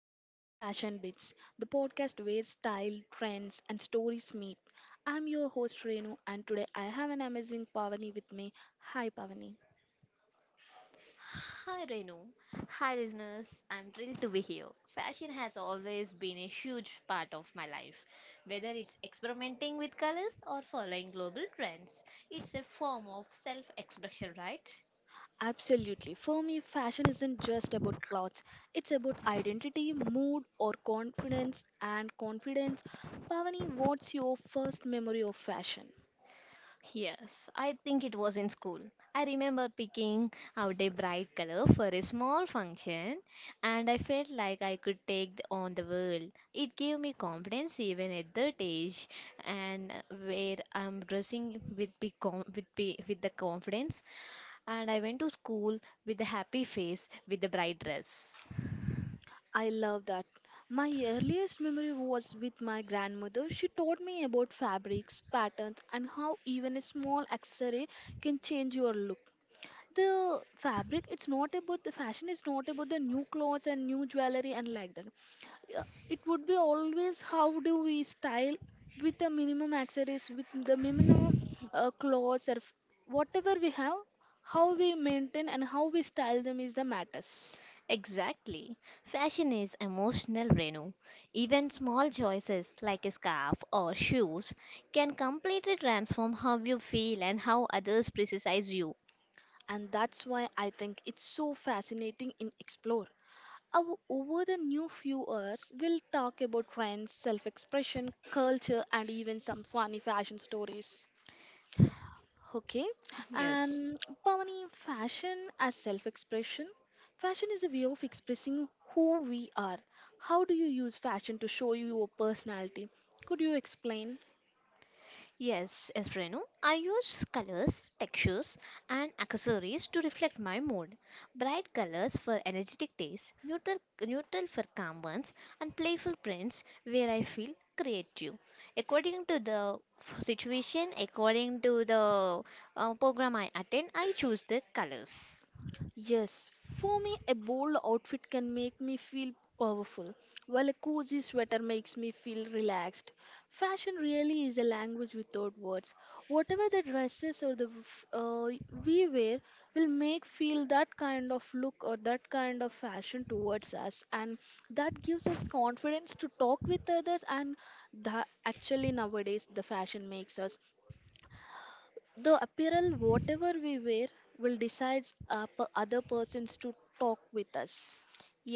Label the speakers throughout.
Speaker 1: welcome to Fashion Bits, the podcast where style, trends, and stories meet. I'm your host Renu, and today I have an amazing Pavani with me. Hi Pavani.
Speaker 2: Hi Renu. Hi listeners. I'm thrilled to be here. Fashion has always been a huge part of my life. Whether it's experimenting with colors or following global trends, it's a form of self expression, right?
Speaker 1: Absolutely, for me, fashion isn't just about clothes, it's about identity, mood, or confidence. And confidence, Pavani, what's your first memory of fashion?
Speaker 2: Yes, I think it was in school. I remember picking out a bright color for a small function, and I felt like I could take on the world. It gave me confidence even at that age, and where I'm dressing with big com- with be- with the confidence, and I went to school with a happy face with the bright dress.
Speaker 1: I love that. My earliest memory was with my grandmother. She taught me about fabrics, patterns, and how even a small accessory can change your look. The fabric, it's not about the fashion, it's not about the new clothes and new jewelry and like that. Yeah, it would be always how do we style with the minimum accessories, with the minimum clothes, or whatever we have, how we maintain and how we style them is the matters.
Speaker 2: Exactly. Fashion is emotional, Renu. Even small choices like a scarf or shoes can completely transform how you feel and how others criticize you.
Speaker 1: And that's why I think it's so fascinating in explore. Our, over the new few hours, we'll talk about trends, self-expression, culture, and even some funny fashion stories. Okay,
Speaker 2: Yes.
Speaker 1: and Pavani, fashion as self-expression. Fashion is a way of expressing who we are. How do you use fashion to show you your personality? Could you explain?
Speaker 2: Yes, yes, Renu. I use colors, textures, and accessories to reflect my mood. Bright colors for energetic days, neutral for calm ones, and playful prints where I feel creative. According to the situation, according to the program I attend, I choose the colors.
Speaker 1: Yes, for me, a bold outfit can make me feel powerful, while a cozy sweater makes me feel relaxed. Fashion really is a language without words. Whatever the dresses or the we wear will make feel that kind of look or that kind of fashion towards us, and that gives us confidence to talk with others. And that actually nowadays the fashion makes us the apparel whatever we wear will decide our other persons to talk with us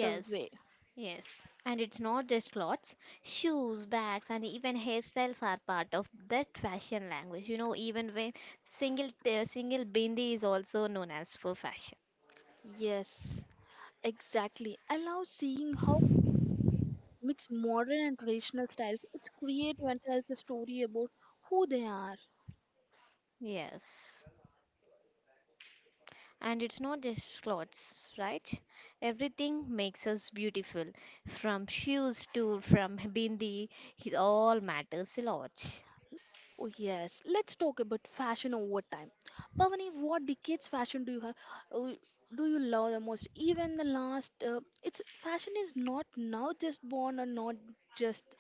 Speaker 1: the way.
Speaker 2: yes. And it's not just clothes, shoes, bags, and even hairstyles are part of that fashion language. You know, even when single bindi is also known as for fashion.
Speaker 1: Yes, exactly, I love seeing how mix modern and traditional styles. It's creative and tells the story about who they are.
Speaker 2: Yes. And it's not just clothes, right? Everything makes us beautiful. From shoes to from bindi, it all matters a lot.
Speaker 1: Oh yes, let's talk about fashion over time. Pavani, what decades fashion do you have, uh, do you love the most? Even the last, it's fashion is not now just born or not just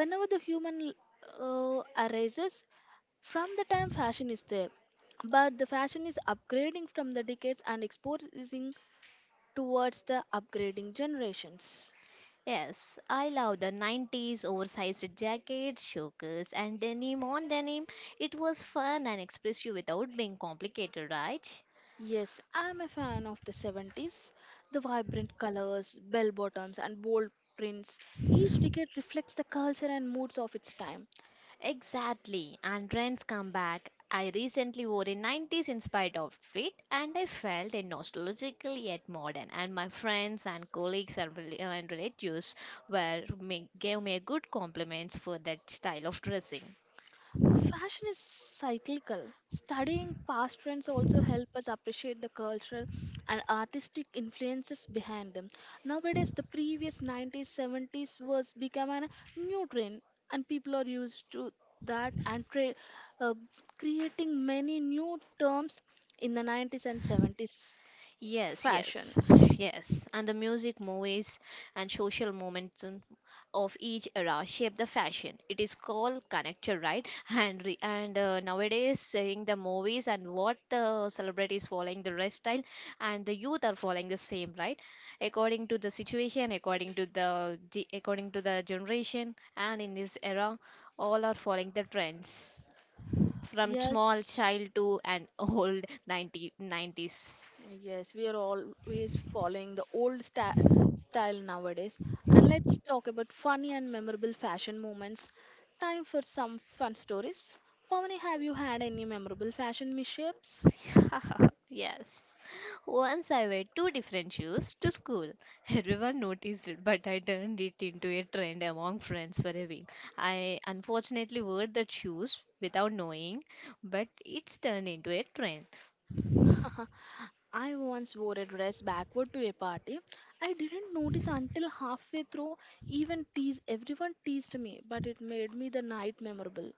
Speaker 1: whenever the human arises, from the time fashion is there, but the fashion is upgrading from the decades and exposing towards the upgrading generations.
Speaker 2: Yes, I love the 90s oversized jackets, chokers, and denim on denim. It was fun and expressive without being complicated, right?
Speaker 1: Yes, I'm a fan of the 70s, the vibrant colors, bell bottoms, and bold prints. Each decade reflects the culture and moods of its time.
Speaker 2: Exactly, and trends come back. I recently wore a 90s inspired outfit and I felt a nostalgical yet modern. And my friends and colleagues and and relatives gave me good compliments for that style of dressing.
Speaker 1: Fashion is cyclical. Studying past trends also help us appreciate the cultural and artistic influences behind them. Nowadays, the previous 90s, 70s was become a new trend, and people are used to that and uh, creating many new terms in the 90s and 70s. Yes,
Speaker 2: Yes,
Speaker 1: fashion.
Speaker 2: yes, yes. And the music, movies, and social momentum of each era shape the fashion. It is called connector, right? And nowadays, seeing the movies and what the celebrities following the dress style, and the youth are following the same, right? According to the situation, according to the generation, and in this era, all are following the trends from small
Speaker 1: Yes. Yes,
Speaker 2: child to an old 90 nineties.
Speaker 1: yes, we are always following the style nowadays. And let's talk about funny and memorable fashion moments. Time for some fun stories. Pavani, have you had any memorable fashion mishaps?
Speaker 2: yes. Once I wear two different shoes to school. Everyone noticed it, but I turned it into a trend among friends for a week. I unfortunately wore the shoes without knowing, but it's turned into a trend.
Speaker 1: I once wore a dress backward to a party. I didn't notice until halfway through. Even teased, everyone teased me, but it made me the night memorable.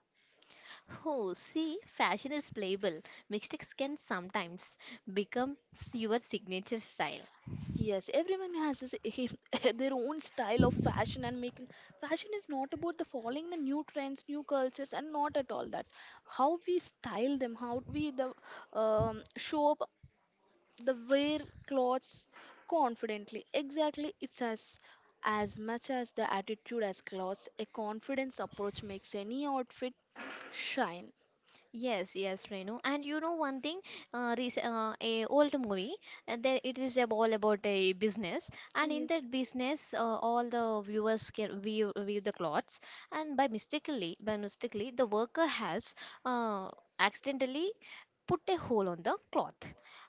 Speaker 2: Oh, see, fashion is playable. Mistakes can sometimes become your signature style.
Speaker 1: Yes, everyone has their own style of fashion and making. Fashion is not about the following the new trends, new cultures, and not at all that. How we style them, how we the show up the wear clothes confidently. Exactly, it's as much as the attitude as clothes. A confidence approach makes any outfit shine.
Speaker 2: Yes, yes, Renu. And you know one thing, rec a old movie, there it is all about a business, and
Speaker 1: Yeah.
Speaker 2: in that business, all the viewers can view the clothes, and by mistakenly, the worker has uh, accidentally put a hole on the cloth,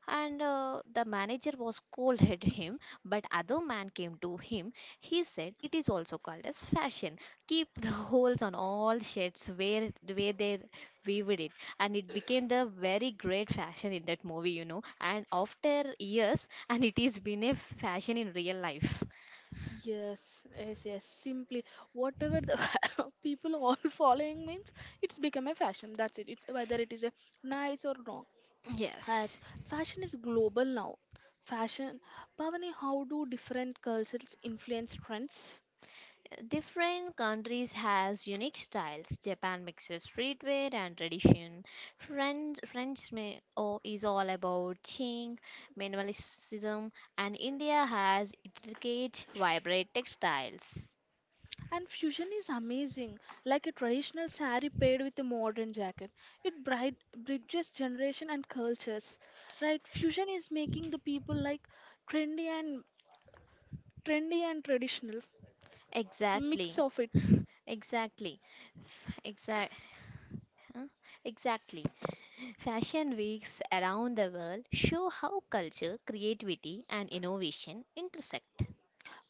Speaker 2: and the manager was scolded him, but other man came to him. He said it is also called as fashion. Keep the holes on all shirts where they weaved it and it became the very great fashion in that movie. And after years, and it is been a fashion in real life.
Speaker 1: Yes, yes, yes. Simply, whatever the people all following means, it's become a fashion. That's it. It's whether it is a nice or wrong. As yes.
Speaker 2: Yes.
Speaker 1: Fashion is global now. Fashion, Bhavani, how do different cultures influence trends?
Speaker 2: Different countries has unique styles. Japan mixes streetwear and tradition. French may, oh, is all about Qing, minimalism, and India has intricate, vibrant textiles.
Speaker 1: And fusion is amazing, like a traditional saree paired with a modern jacket. It bright, bridges generation and cultures, right? Fusion is making the people like trendy and trendy and traditional. Mix
Speaker 2: Exactly.
Speaker 1: of it.
Speaker 2: Exactly. Exact. Exactly. Fashion weeks around the world show how culture, creativity, and innovation intersect.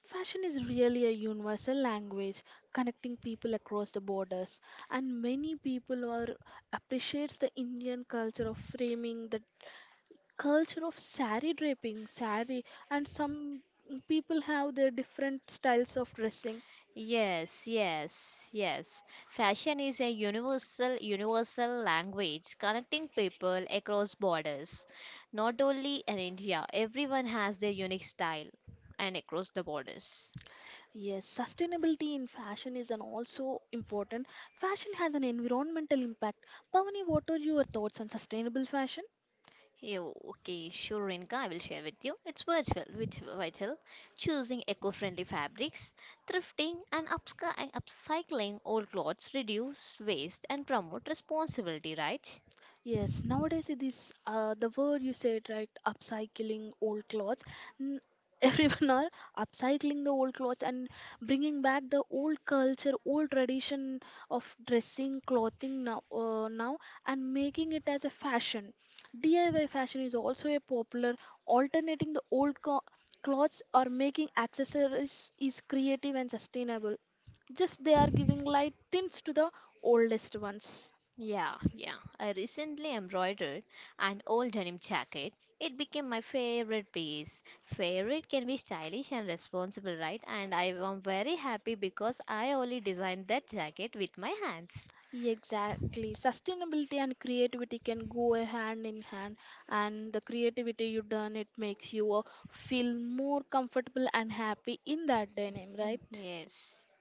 Speaker 1: Fashion is really a universal language connecting people across the borders, and many people are appreciates the Indian culture of framing, the culture of sari draping, sari, and some people have their different styles of dressing.
Speaker 2: Yes, yes, yes. Fashion is a universal language connecting people across borders. Not only in India, everyone has their unique style and across the borders.
Speaker 1: Yes, sustainability in fashion is an also important. Fashion has an environmental impact. Pavani, what are your thoughts on sustainable fashion?
Speaker 2: Yeah, okay, sure, Rinka, I will share with you. It's virtual, which vital, choosing eco-friendly fabrics, thrifting and and upcycling old clothes reduce waste and promote responsibility, right?
Speaker 1: Yes, nowadays it is, the word you said right, upcycling old clothes. N- Everyone are upcycling the old clothes and bringing back the old culture, old tradition of dressing, clothing now, and making it as a fashion. DIY fashion is also a popular alternating the clothes or making accessories is creative and sustainable. Just they are giving light tints to the oldest ones.
Speaker 2: Yeah, yeah. I recently embroidered an old denim jacket. It became my favorite piece. Favorite can be stylish and responsible, right? And I am very happy because I only designed that jacket with my hands.
Speaker 1: Yeah, exactly. Sustainability and creativity can go a hand in hand, and the creativity you done it makes you feel more comfortable and happy in that denim, right?
Speaker 2: Yes.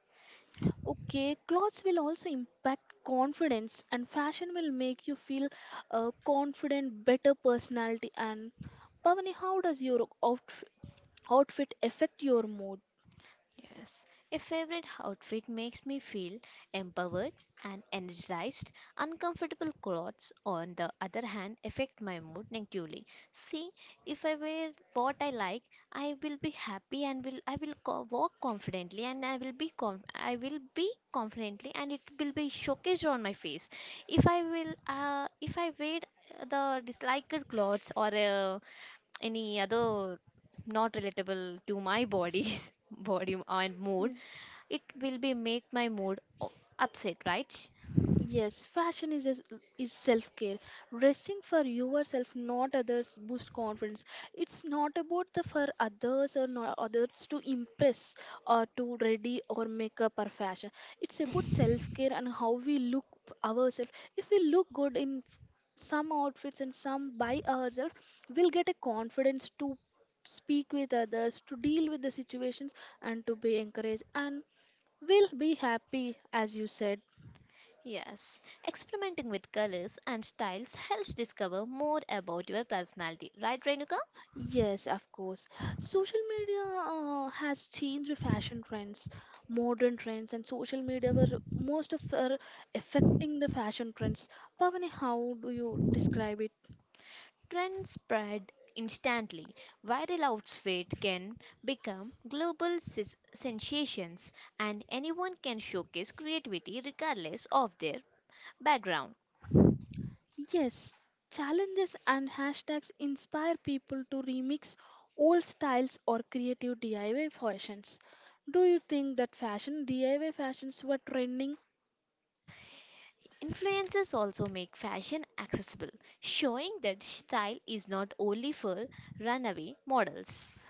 Speaker 1: Okay, clothes will also impact confidence, and fashion will make you feel confident, better personality. And Pavani, how does your outfit affect your mood?
Speaker 2: Yes, a favorite outfit makes me feel empowered and energized. Uncomfortable clothes, on the other hand, affect my mood negatively. See, if I wear what I like, I will be happy and will I will co- walk confidently and I will be confidently and it will be showcased on my face. If I wear the disliked clothes or any other not relatable to my body's body and mood it will be make my mood upset, right?
Speaker 1: Yes, fashion is self care. Dressing for yourself, not others, boost confidence. It's not about the for others or not others to impress or to ready or make up our fashion. It's about self care and how we look ourselves. If we look good in some outfits and some by ourselves, we'll get a confidence to speak with others, to deal with the situations, and to be encouraged. And we'll be happy, as you said.
Speaker 2: Yes, experimenting with colors and styles helps discover more about your personality, right, Renuka?
Speaker 1: Yes, of course. Social media has changed fashion trends, modern trends, and social media were most of are affecting the fashion trends. Pavani, how do you describe it?
Speaker 2: Trends spread instantly. Viral outfits can become global sensations, and anyone can showcase creativity regardless of their background.
Speaker 1: Yes, challenges and hashtags inspire people to remix old styles or creative DIY fashions. Do you think that fashion DIY fashions were trending?
Speaker 2: Influencers also make fashion accessible, showing that style is not only for runaway models.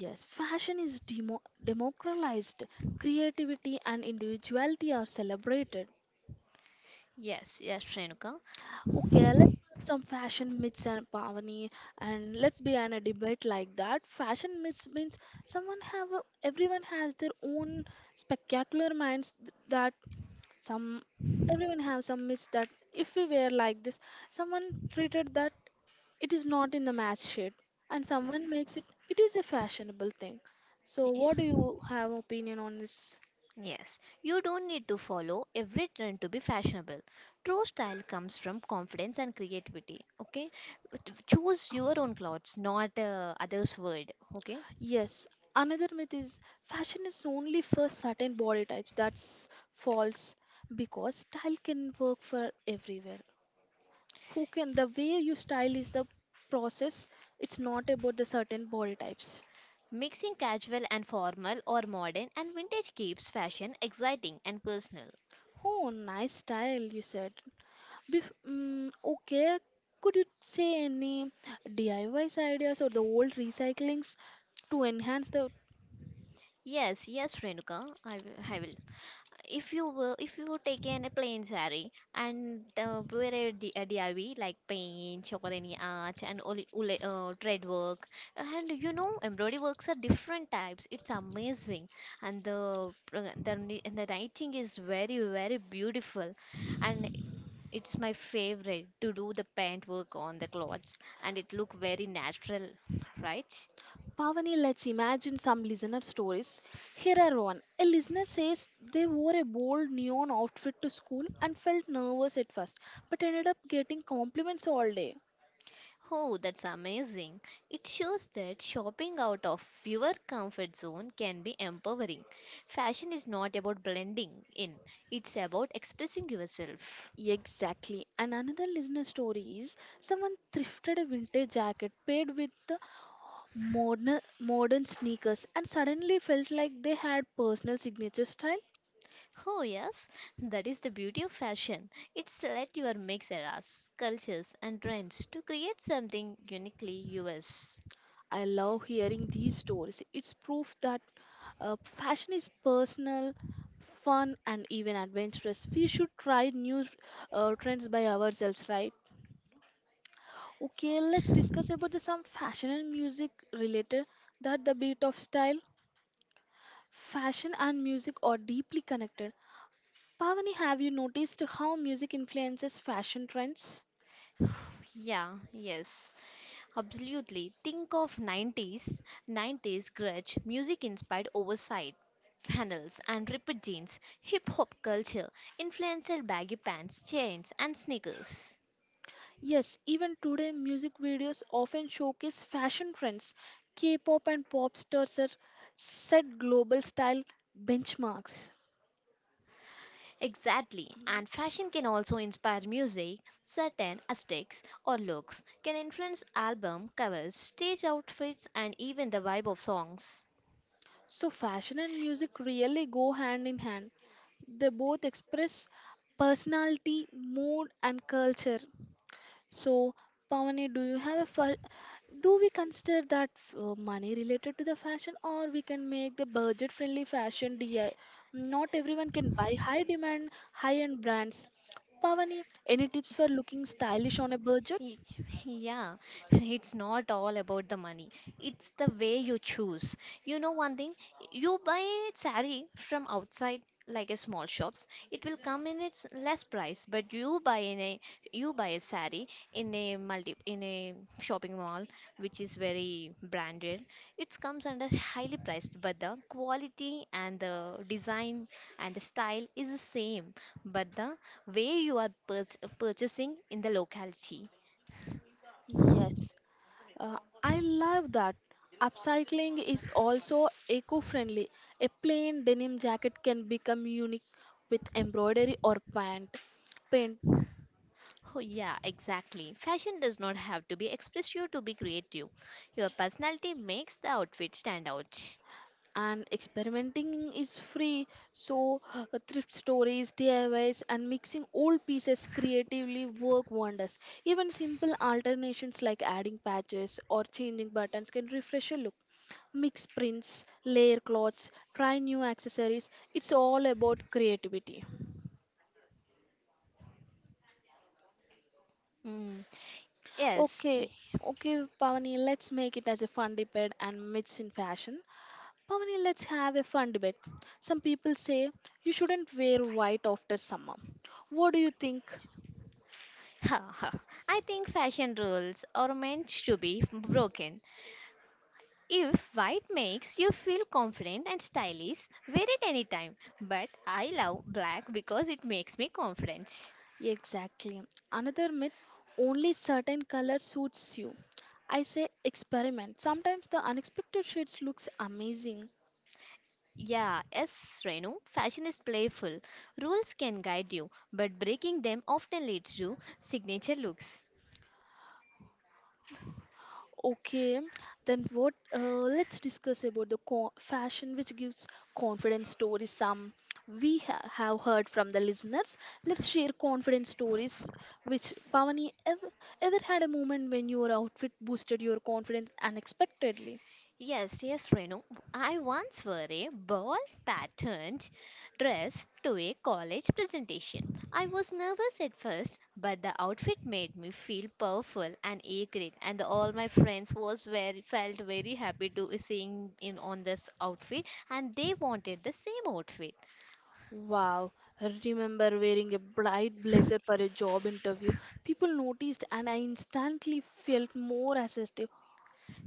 Speaker 1: Yes, fashion is democratized. Creativity and individuality are celebrated.
Speaker 2: Yes, yes, Shrenuka.
Speaker 1: Okay, let's put some fashion myths and Pavani, and let's be in a debate like that. Fashion myths means someone have a, everyone has their own spectacular minds that some everyone have some myths that if we wear like this, someone treated that it is not in the match shade, and someone makes it it is a fashionable thing. So what do you have opinion on this?
Speaker 2: Yes, you don't need to follow every trend to be fashionable. True style comes from confidence and creativity. Okay, choose your own clothes, not others' word. Okay,
Speaker 1: Yes, another myth is fashion is only for certain body types. That's false, because style can work for everywhere who can. The way you style is the process. It's not about the certain body types.
Speaker 2: mixing casual and formal or modern and vintage keeps fashion exciting and personal.
Speaker 1: Oh nice style you said. Okay, could you say any DIYs ideas or the old recyclings to enhance the
Speaker 2: Yes, yes, Renuka, I will. I will. If you would take in a plain saree and wear a DIY like paint, chokorani art and thread work, and you know embroidery works are different types, it's amazing. And the writing is very very beautiful, and it's my favorite to do the paint work on the clothes and it look very natural. Right.
Speaker 1: Pavani? Let's imagine some listener stories. Here are one. A listener says they wore a bold neon outfit to school and felt nervous at first, but ended up getting compliments all day.
Speaker 2: Oh, that's amazing. It shows that shopping out of your comfort zone can be empowering. Fashion is not about blending in, it's about expressing yourself.
Speaker 1: Exactly. And another listener story is someone thrifted a vintage jacket paired with the modern sneakers and suddenly felt like they had personal signature style.
Speaker 2: Oh, yes, that is the beauty of fashion. It's let your mix eras, cultures, and trends to create something uniquely yours.
Speaker 1: I love hearing these stories. It's proof that fashion is personal, fun, and even adventurous. We should try new trends by ourselves, right? Okay, let's discuss about the some fashion and music related, that the beat of style. Fashion and music are deeply connected. Pavani, have you noticed how music influences fashion trends?
Speaker 2: Yeah, yes. Absolutely. Think of 90s, 90s grunge, music inspired oversight flannels and ripped jeans, hip hop culture, influenced baggy pants, chains and sneakers.
Speaker 1: Yes, even today, music videos often showcase fashion trends. K pop and pop stars are set global style benchmarks.
Speaker 2: Exactly. And fashion can also inspire music. Certain aesthetics or looks can influence album covers, stage outfits and even the vibe of songs.
Speaker 1: So, fashion and music really go hand in hand. They both express personality, mood, and culture. So, Pavani, do you have a do we consider that money related to the fashion, or we can make the budget-friendly fashion DI? Not everyone can buy high-demand, high-end brands. Pavani, any tips for looking stylish on a budget?
Speaker 2: Y- Yeah, it's not all about the money. It's the way you choose. You know one thing, you buy sari from outside like a small shops, it will come in its less price, but you buy a sari in a shopping mall which is very branded. It comes under highly priced, but the quality and the design and the style is the same, but the way you are purchasing in the locality.
Speaker 1: Yes, uh, I love that. Upcycling is also eco friendly. A plain denim jacket can become unique with embroidery or pant. Paint.
Speaker 2: Oh, yeah, exactly. Fashion does not have to be expressive to be creative. Your personality makes the outfit stand out.
Speaker 1: And experimenting is free. So thrift stories, diys, and mixing old pieces creatively work wonders. Even simple alternations like adding patches or changing buttons can refresh a look. Mix prints, layer cloths, try new accessories. It's all about creativity. Yes.
Speaker 2: Mm, yes.
Speaker 1: Okay, okay Pavani, let's make it as a fun debate and myths in fashion. Pavani, let's have a fun debate. Some people say you shouldn't wear white after summer. What do you think?
Speaker 2: I think fashion rules are meant to be broken. If white makes you feel confident and stylish, wear it anytime. But I love black because it makes me confident.
Speaker 1: Exactly. Another myth, only certain color suits you. I say experiment. Sometimes the unexpected shades looks amazing.
Speaker 2: Yeah, yes, Renu, fashion is playful. Rules can guide you, but breaking them often leads to signature looks.
Speaker 1: Okay, then what? Let's discuss about the fashion which gives confidence stories. Some we have heard from the listeners. Let's share confidence stories. Which Pavani ever had a moment when your outfit boosted your confidence unexpectedly?
Speaker 2: Yes, yes, Renu. I once wore a ball patterned dress to a college presentation. I was nervous at first, but the outfit made me feel powerful and eager, and all my friends was very felt very happy to seeing in on this outfit, and they wanted the same outfit.
Speaker 1: Wow, I remember wearing a bright blazer for a job interview. People noticed, and I instantly felt more assertive.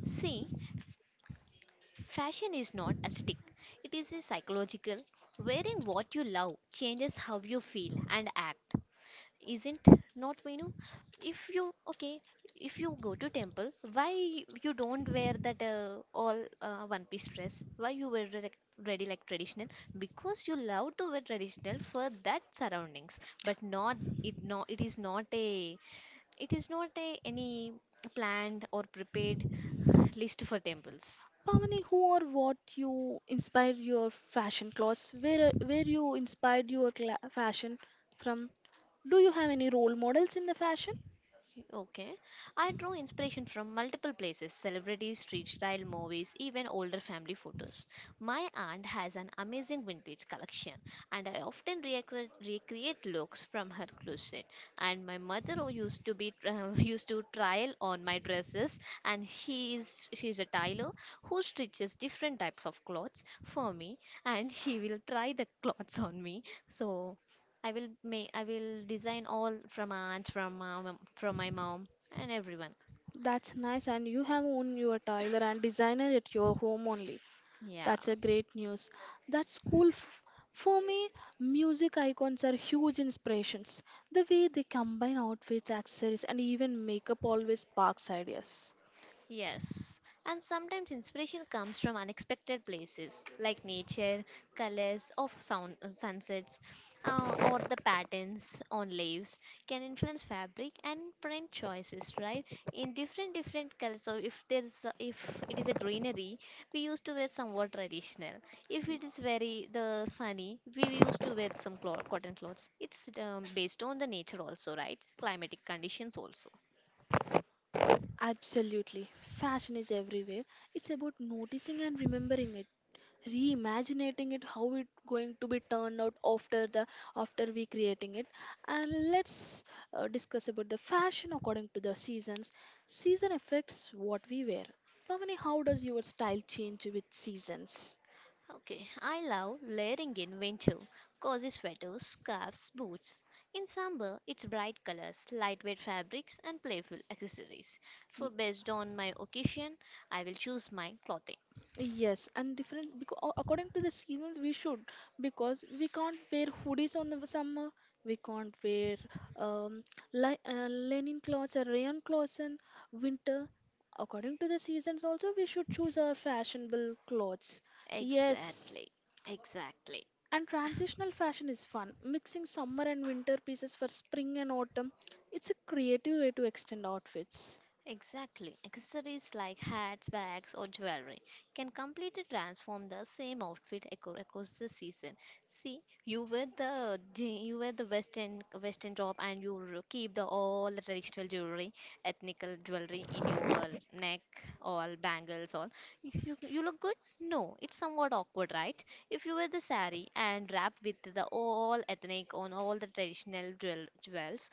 Speaker 2: See, fashion is not aesthetic; it is a psychological. Wearing what you love changes how you feel and act. Isn't not Venu? If you okay, if you go to temple, why you don't wear that all one piece dress? Why you wear ready like traditional? Because you love to wear traditional for that surroundings, but not it no it is not a it is not a any planned or prepared list for temples.
Speaker 1: Pavani, who or what you inspired your fashion clothes? Where you inspired your cla fashion from? Do you have any role models in the fashion?
Speaker 2: Okay. I draw inspiration from multiple places: celebrities, street style movies, even older family photos. My aunt has an amazing vintage collection, and I often recreate looks from her closet. And my mother who used to be used to trial on my dresses, and she's a tailor who stitches different types of clothes for me, and she will try the clothes on me. So I will design all from aunt, from my mom and everyone.
Speaker 1: That's nice, and you have own your tailor and designer at your home only.
Speaker 2: Yeah.
Speaker 1: That's a great news. That's cool. For me, music icons are huge inspirations. The way they combine outfits, accessories, and even makeup always sparks ideas.
Speaker 2: Yes, and sometimes inspiration comes from unexpected places like nature, colors of sound, sunsets, or the patterns on leaves can influence fabric and print choices, right? In different different colors. So if it is a greenery, we used to wear somewhat traditional. If it is very the sunny, we used to wear some cotton clothes. It's based on the nature also, right? Climatic conditions also.
Speaker 1: Absolutely. Fashion is everywhere. It's about noticing and remembering it. Reimagining it, how it going to be turned out after the after we creating it. And let's discuss about the fashion according to the seasons. Season affects what we wear. Pavani, how does your style change with seasons?
Speaker 2: Okay, I love layering in winter, cozy sweaters, scarves, boots. In summer, it's bright colors, lightweight fabrics, and playful accessories. For based on
Speaker 1: Y-
Speaker 2: my occasion, I will choose my clothing.
Speaker 1: Yes, and different, because according to the seasons we should, because we can't wear hoodies on the summer. We can't wear um li linen clothes or rayon clothes in winter. According to the seasons also we should choose our fashionable clothes. Yes.
Speaker 2: Exactly, exactly.
Speaker 1: And transitional fashion is fun. Mixing summer and winter pieces for spring and autumn. It's a creative way to extend outfits.
Speaker 2: Exactly. Accessories like hats, bags, or jewelry can completely transform the same outfit across the season. See, you wear the western top and you keep the all the traditional jewelry, ethnical jewelry in your neck, all bangles, all. You look good? No, it's somewhat awkward, right? If you wear the sari and wrap with the all ethnic on all the traditional jewels,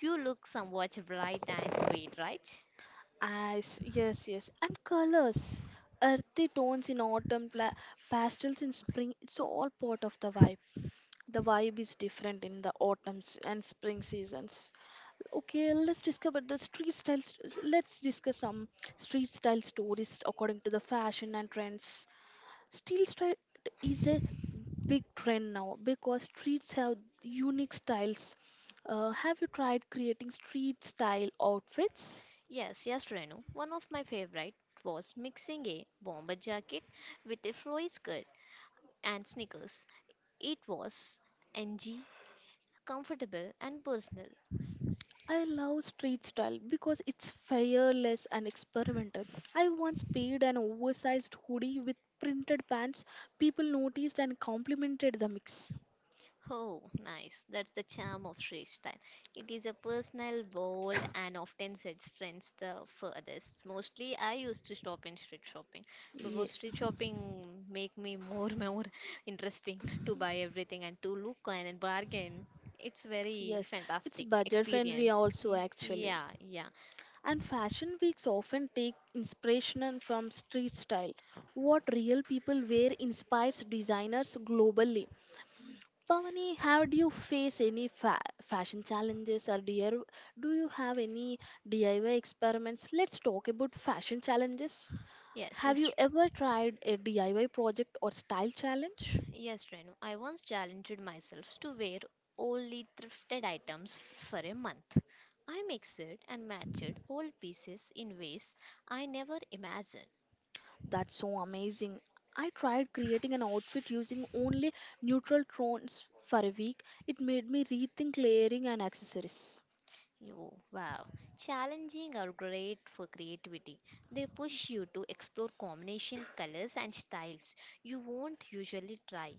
Speaker 2: you look somewhat bright and sweet, right?
Speaker 1: As yes, yes, and colors, earthy tones in autumn, pastels in spring. It's all part of the vibe. The vibe is different in the autumns and spring seasons. Okay, let's discover the street styles. Let's discuss some street style stories according to the fashion and trends. Street style is a big trend now because streets have unique styles. Have you tried creating street style outfits?
Speaker 2: Yes, yes, Renu. One of my favorite was mixing a bomber jacket with a flowy skirt and sneakers. It was ng, comfortable and personal.
Speaker 1: I love street style because it's fearless and experimental. I once paired an oversized hoodie with printed pants. People noticed and complimented the mix.
Speaker 2: Oh, nice. That's the charm of Sri style. It is a personal, bold, and often said strengths the furthest. Mostly, I used to stop in street shopping
Speaker 1: Yeah.
Speaker 2: because street shopping make me more more interesting to buy everything and to look and bargain. It's very
Speaker 1: Yes, it's
Speaker 2: fantastic
Speaker 1: budget friendly
Speaker 2: experience.
Speaker 1: also
Speaker 2: Y-
Speaker 1: actually.
Speaker 2: Yeah, yeah.
Speaker 1: And fashion weeks often take inspiration from street style. What real people wear inspires designers globally. Pavani, how do you face any fashion challenges, or do you have any DIY experiments? Let's talk about fashion challenges.
Speaker 2: Yes,
Speaker 1: Have you
Speaker 2: yes.
Speaker 1: ever tried a DIY project or style challenge?
Speaker 2: Yes, Renu, I once challenged myself to wear only thrifted items for a month. I mixed and matched old pieces in ways I never imagined.
Speaker 1: That's so amazing. I tried creating an outfit using only neutral tones for a week. It made me rethink layering and accessories.
Speaker 2: Oh, wow. Challenging are great for creativity. They push you to explore combination colors and styles you won't usually try.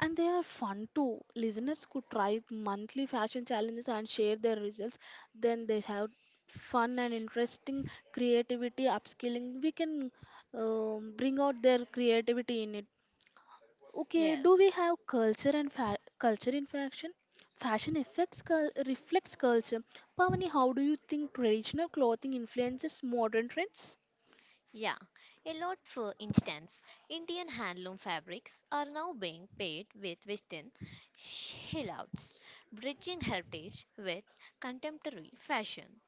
Speaker 1: And they are fun too. Listeners could try monthly fashion challenges and share their results. Then they have fun and interesting creativity upskilling. We can bring out their creativity in it. Okay, do we
Speaker 2: Yes.
Speaker 1: have culture and culture in fashion? Fashion affects reflects culture. Pavani, how do you think traditional clothing influences modern trends?
Speaker 2: Yeah, a lot. For instance, Indian handloom fabrics are now being paired with Western shillouts, bridging heritage with contemporary fashion.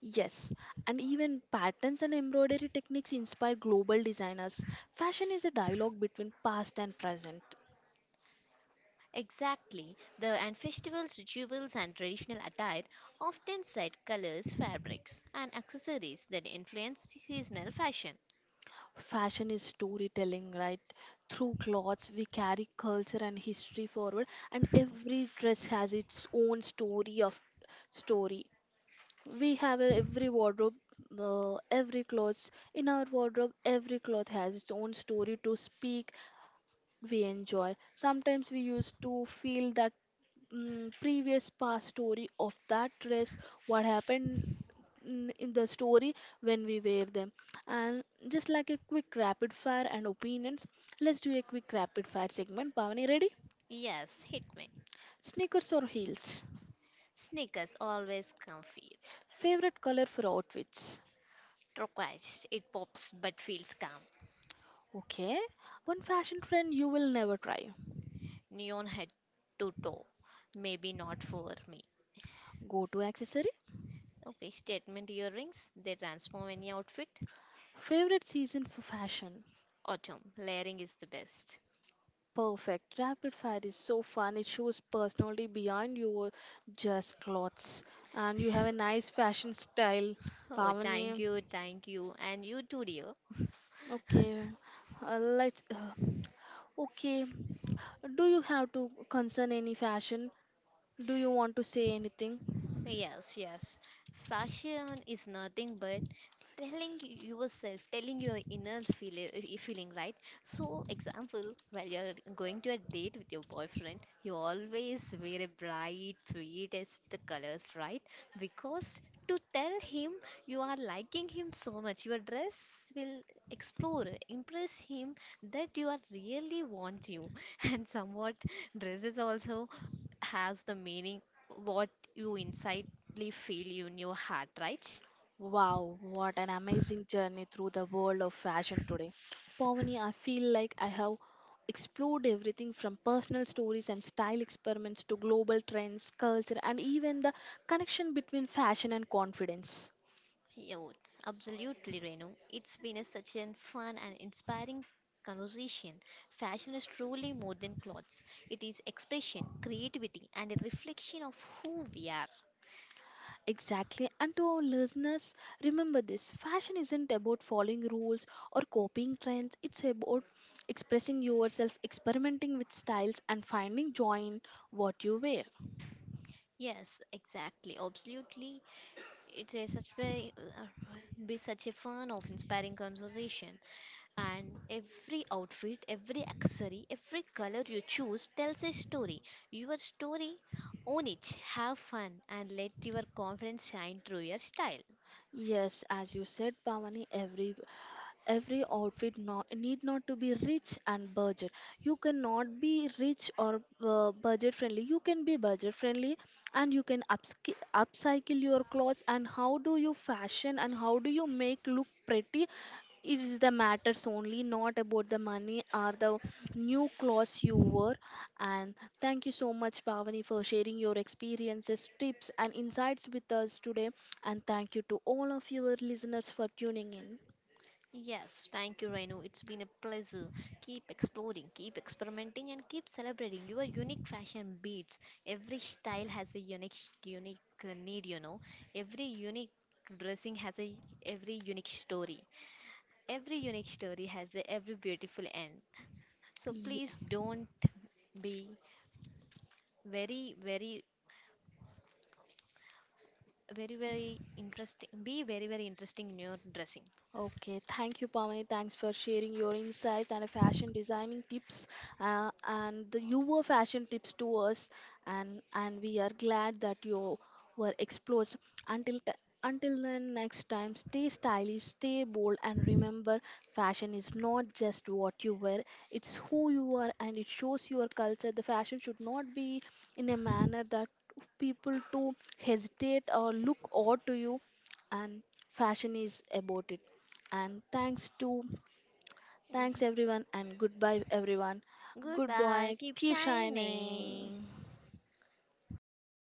Speaker 1: Yes, and even patterns and embroidery techniques inspire global designers. Fashion is a dialogue between past and present.
Speaker 2: Exactly, the and festivals, rituals, and traditional attire often set colors, fabrics, and accessories that influence seasonal fashion.
Speaker 1: Fashion is storytelling, right? Through clothes, we carry culture and history forward, and every dress has its own story. We have a, every wardrobe, every clothes in our wardrobe. Every cloth has its own story to speak. We enjoy. Sometimes we used to feel that previous past story of that dress, what happened, in the story, when we wear them. And just like a quick rapid fire and opinions, let's do a quick rapid fire segment. Pavani, ready?
Speaker 2: Yes, hit me.
Speaker 1: Sneakers or heels?
Speaker 2: Sneakers always comfy.
Speaker 1: Favorite color for outfits?
Speaker 2: Turquoise, it pops but feels calm.
Speaker 1: Okay, one fashion trend you will never try?
Speaker 2: Neon head to toe. Maybe not for me.
Speaker 1: Go to accessory?
Speaker 2: Okay, statement earrings, they transform any outfit.
Speaker 1: Favorite season for fashion?
Speaker 2: Autumn, layering is the best.
Speaker 1: Perfect. Rapid fire is so fun. It shows personality beyond your just clothes. And you have a nice fashion style,
Speaker 2: Oh,
Speaker 1: Pavani.
Speaker 2: thank you, and you too, dear.
Speaker 1: Okay. Let's. Okay. Do you have to concern any fashion? Do you want to say anything?
Speaker 2: Yes, yes. Fashion is nothing but telling yourself, telling your inner feeling, right? So, example, while you're going to a date with your boyfriend, you always wear a bright, sweetest colors, right? Because to tell him you are liking him so much, your dress will explore, impress him that you are really want you, and somewhat dresses also has the meaning what you insidely feel in your heart, right?
Speaker 1: Wow, what an amazing journey through the world of fashion today. Pavani, I feel like I have explored everything, from personal stories and style experiments to global trends, culture, and even the connection between fashion and confidence.
Speaker 2: Yeah, absolutely, Renu. It's been such a fun and inspiring conversation. Fashion is truly more than clothes. It is expression, creativity, and a reflection of who we are.
Speaker 1: Exactly. And to our listeners, remember this: fashion isn't about following rules or copying trends, it's about expressing yourself, experimenting with styles, and finding joy in what you wear.
Speaker 2: Yes, exactly, absolutely. It's a such very be such a fun of inspiring conversation. And every outfit, every accessory, every color you choose tells a story. Your story, own it, have fun, and let your confidence shine through your style.
Speaker 1: Yes, as you said, Pavani, every outfit not, need not to be rich and budget. You cannot be rich or budget friendly. You can be budget friendly, and you can upcycle your clothes. And how do you fashion, and how do you make look pretty? It is the matters only, not about the money or the new clothes you wore. And thank you so much, Pavani, for sharing your experiences, tips and insights with us today. And thank you to all of your listeners for tuning in.
Speaker 2: Yes, thank you, Renu. It's been a pleasure. Keep exploring, keep experimenting, and keep celebrating your unique fashion beats. Every style has a unique need. You know, every unique dressing has a every unique story. Every unique story has a every beautiful end. So
Speaker 1: 一。
Speaker 2: please don't be very, very, very, very interesting. Be very, very interesting in your dressing.
Speaker 1: Okay, thank you, Pamani. Thanks for sharing your insights and fashion designing tips, and the, your fashion tips to us. And we are glad that you were exposed. Until t- until then, next time, stay stylish, stay bold, and remember, fashion is not just what you wear; it's who you are, and it shows your culture. The fashion should not be in a manner that people to hesitate or look odd to you. And fashion is about it. And thanks to Thanks everyone, and goodbye everyone. Good
Speaker 2: Goodbye.
Speaker 1: boy,
Speaker 2: Keep
Speaker 1: keep shining.
Speaker 2: shining.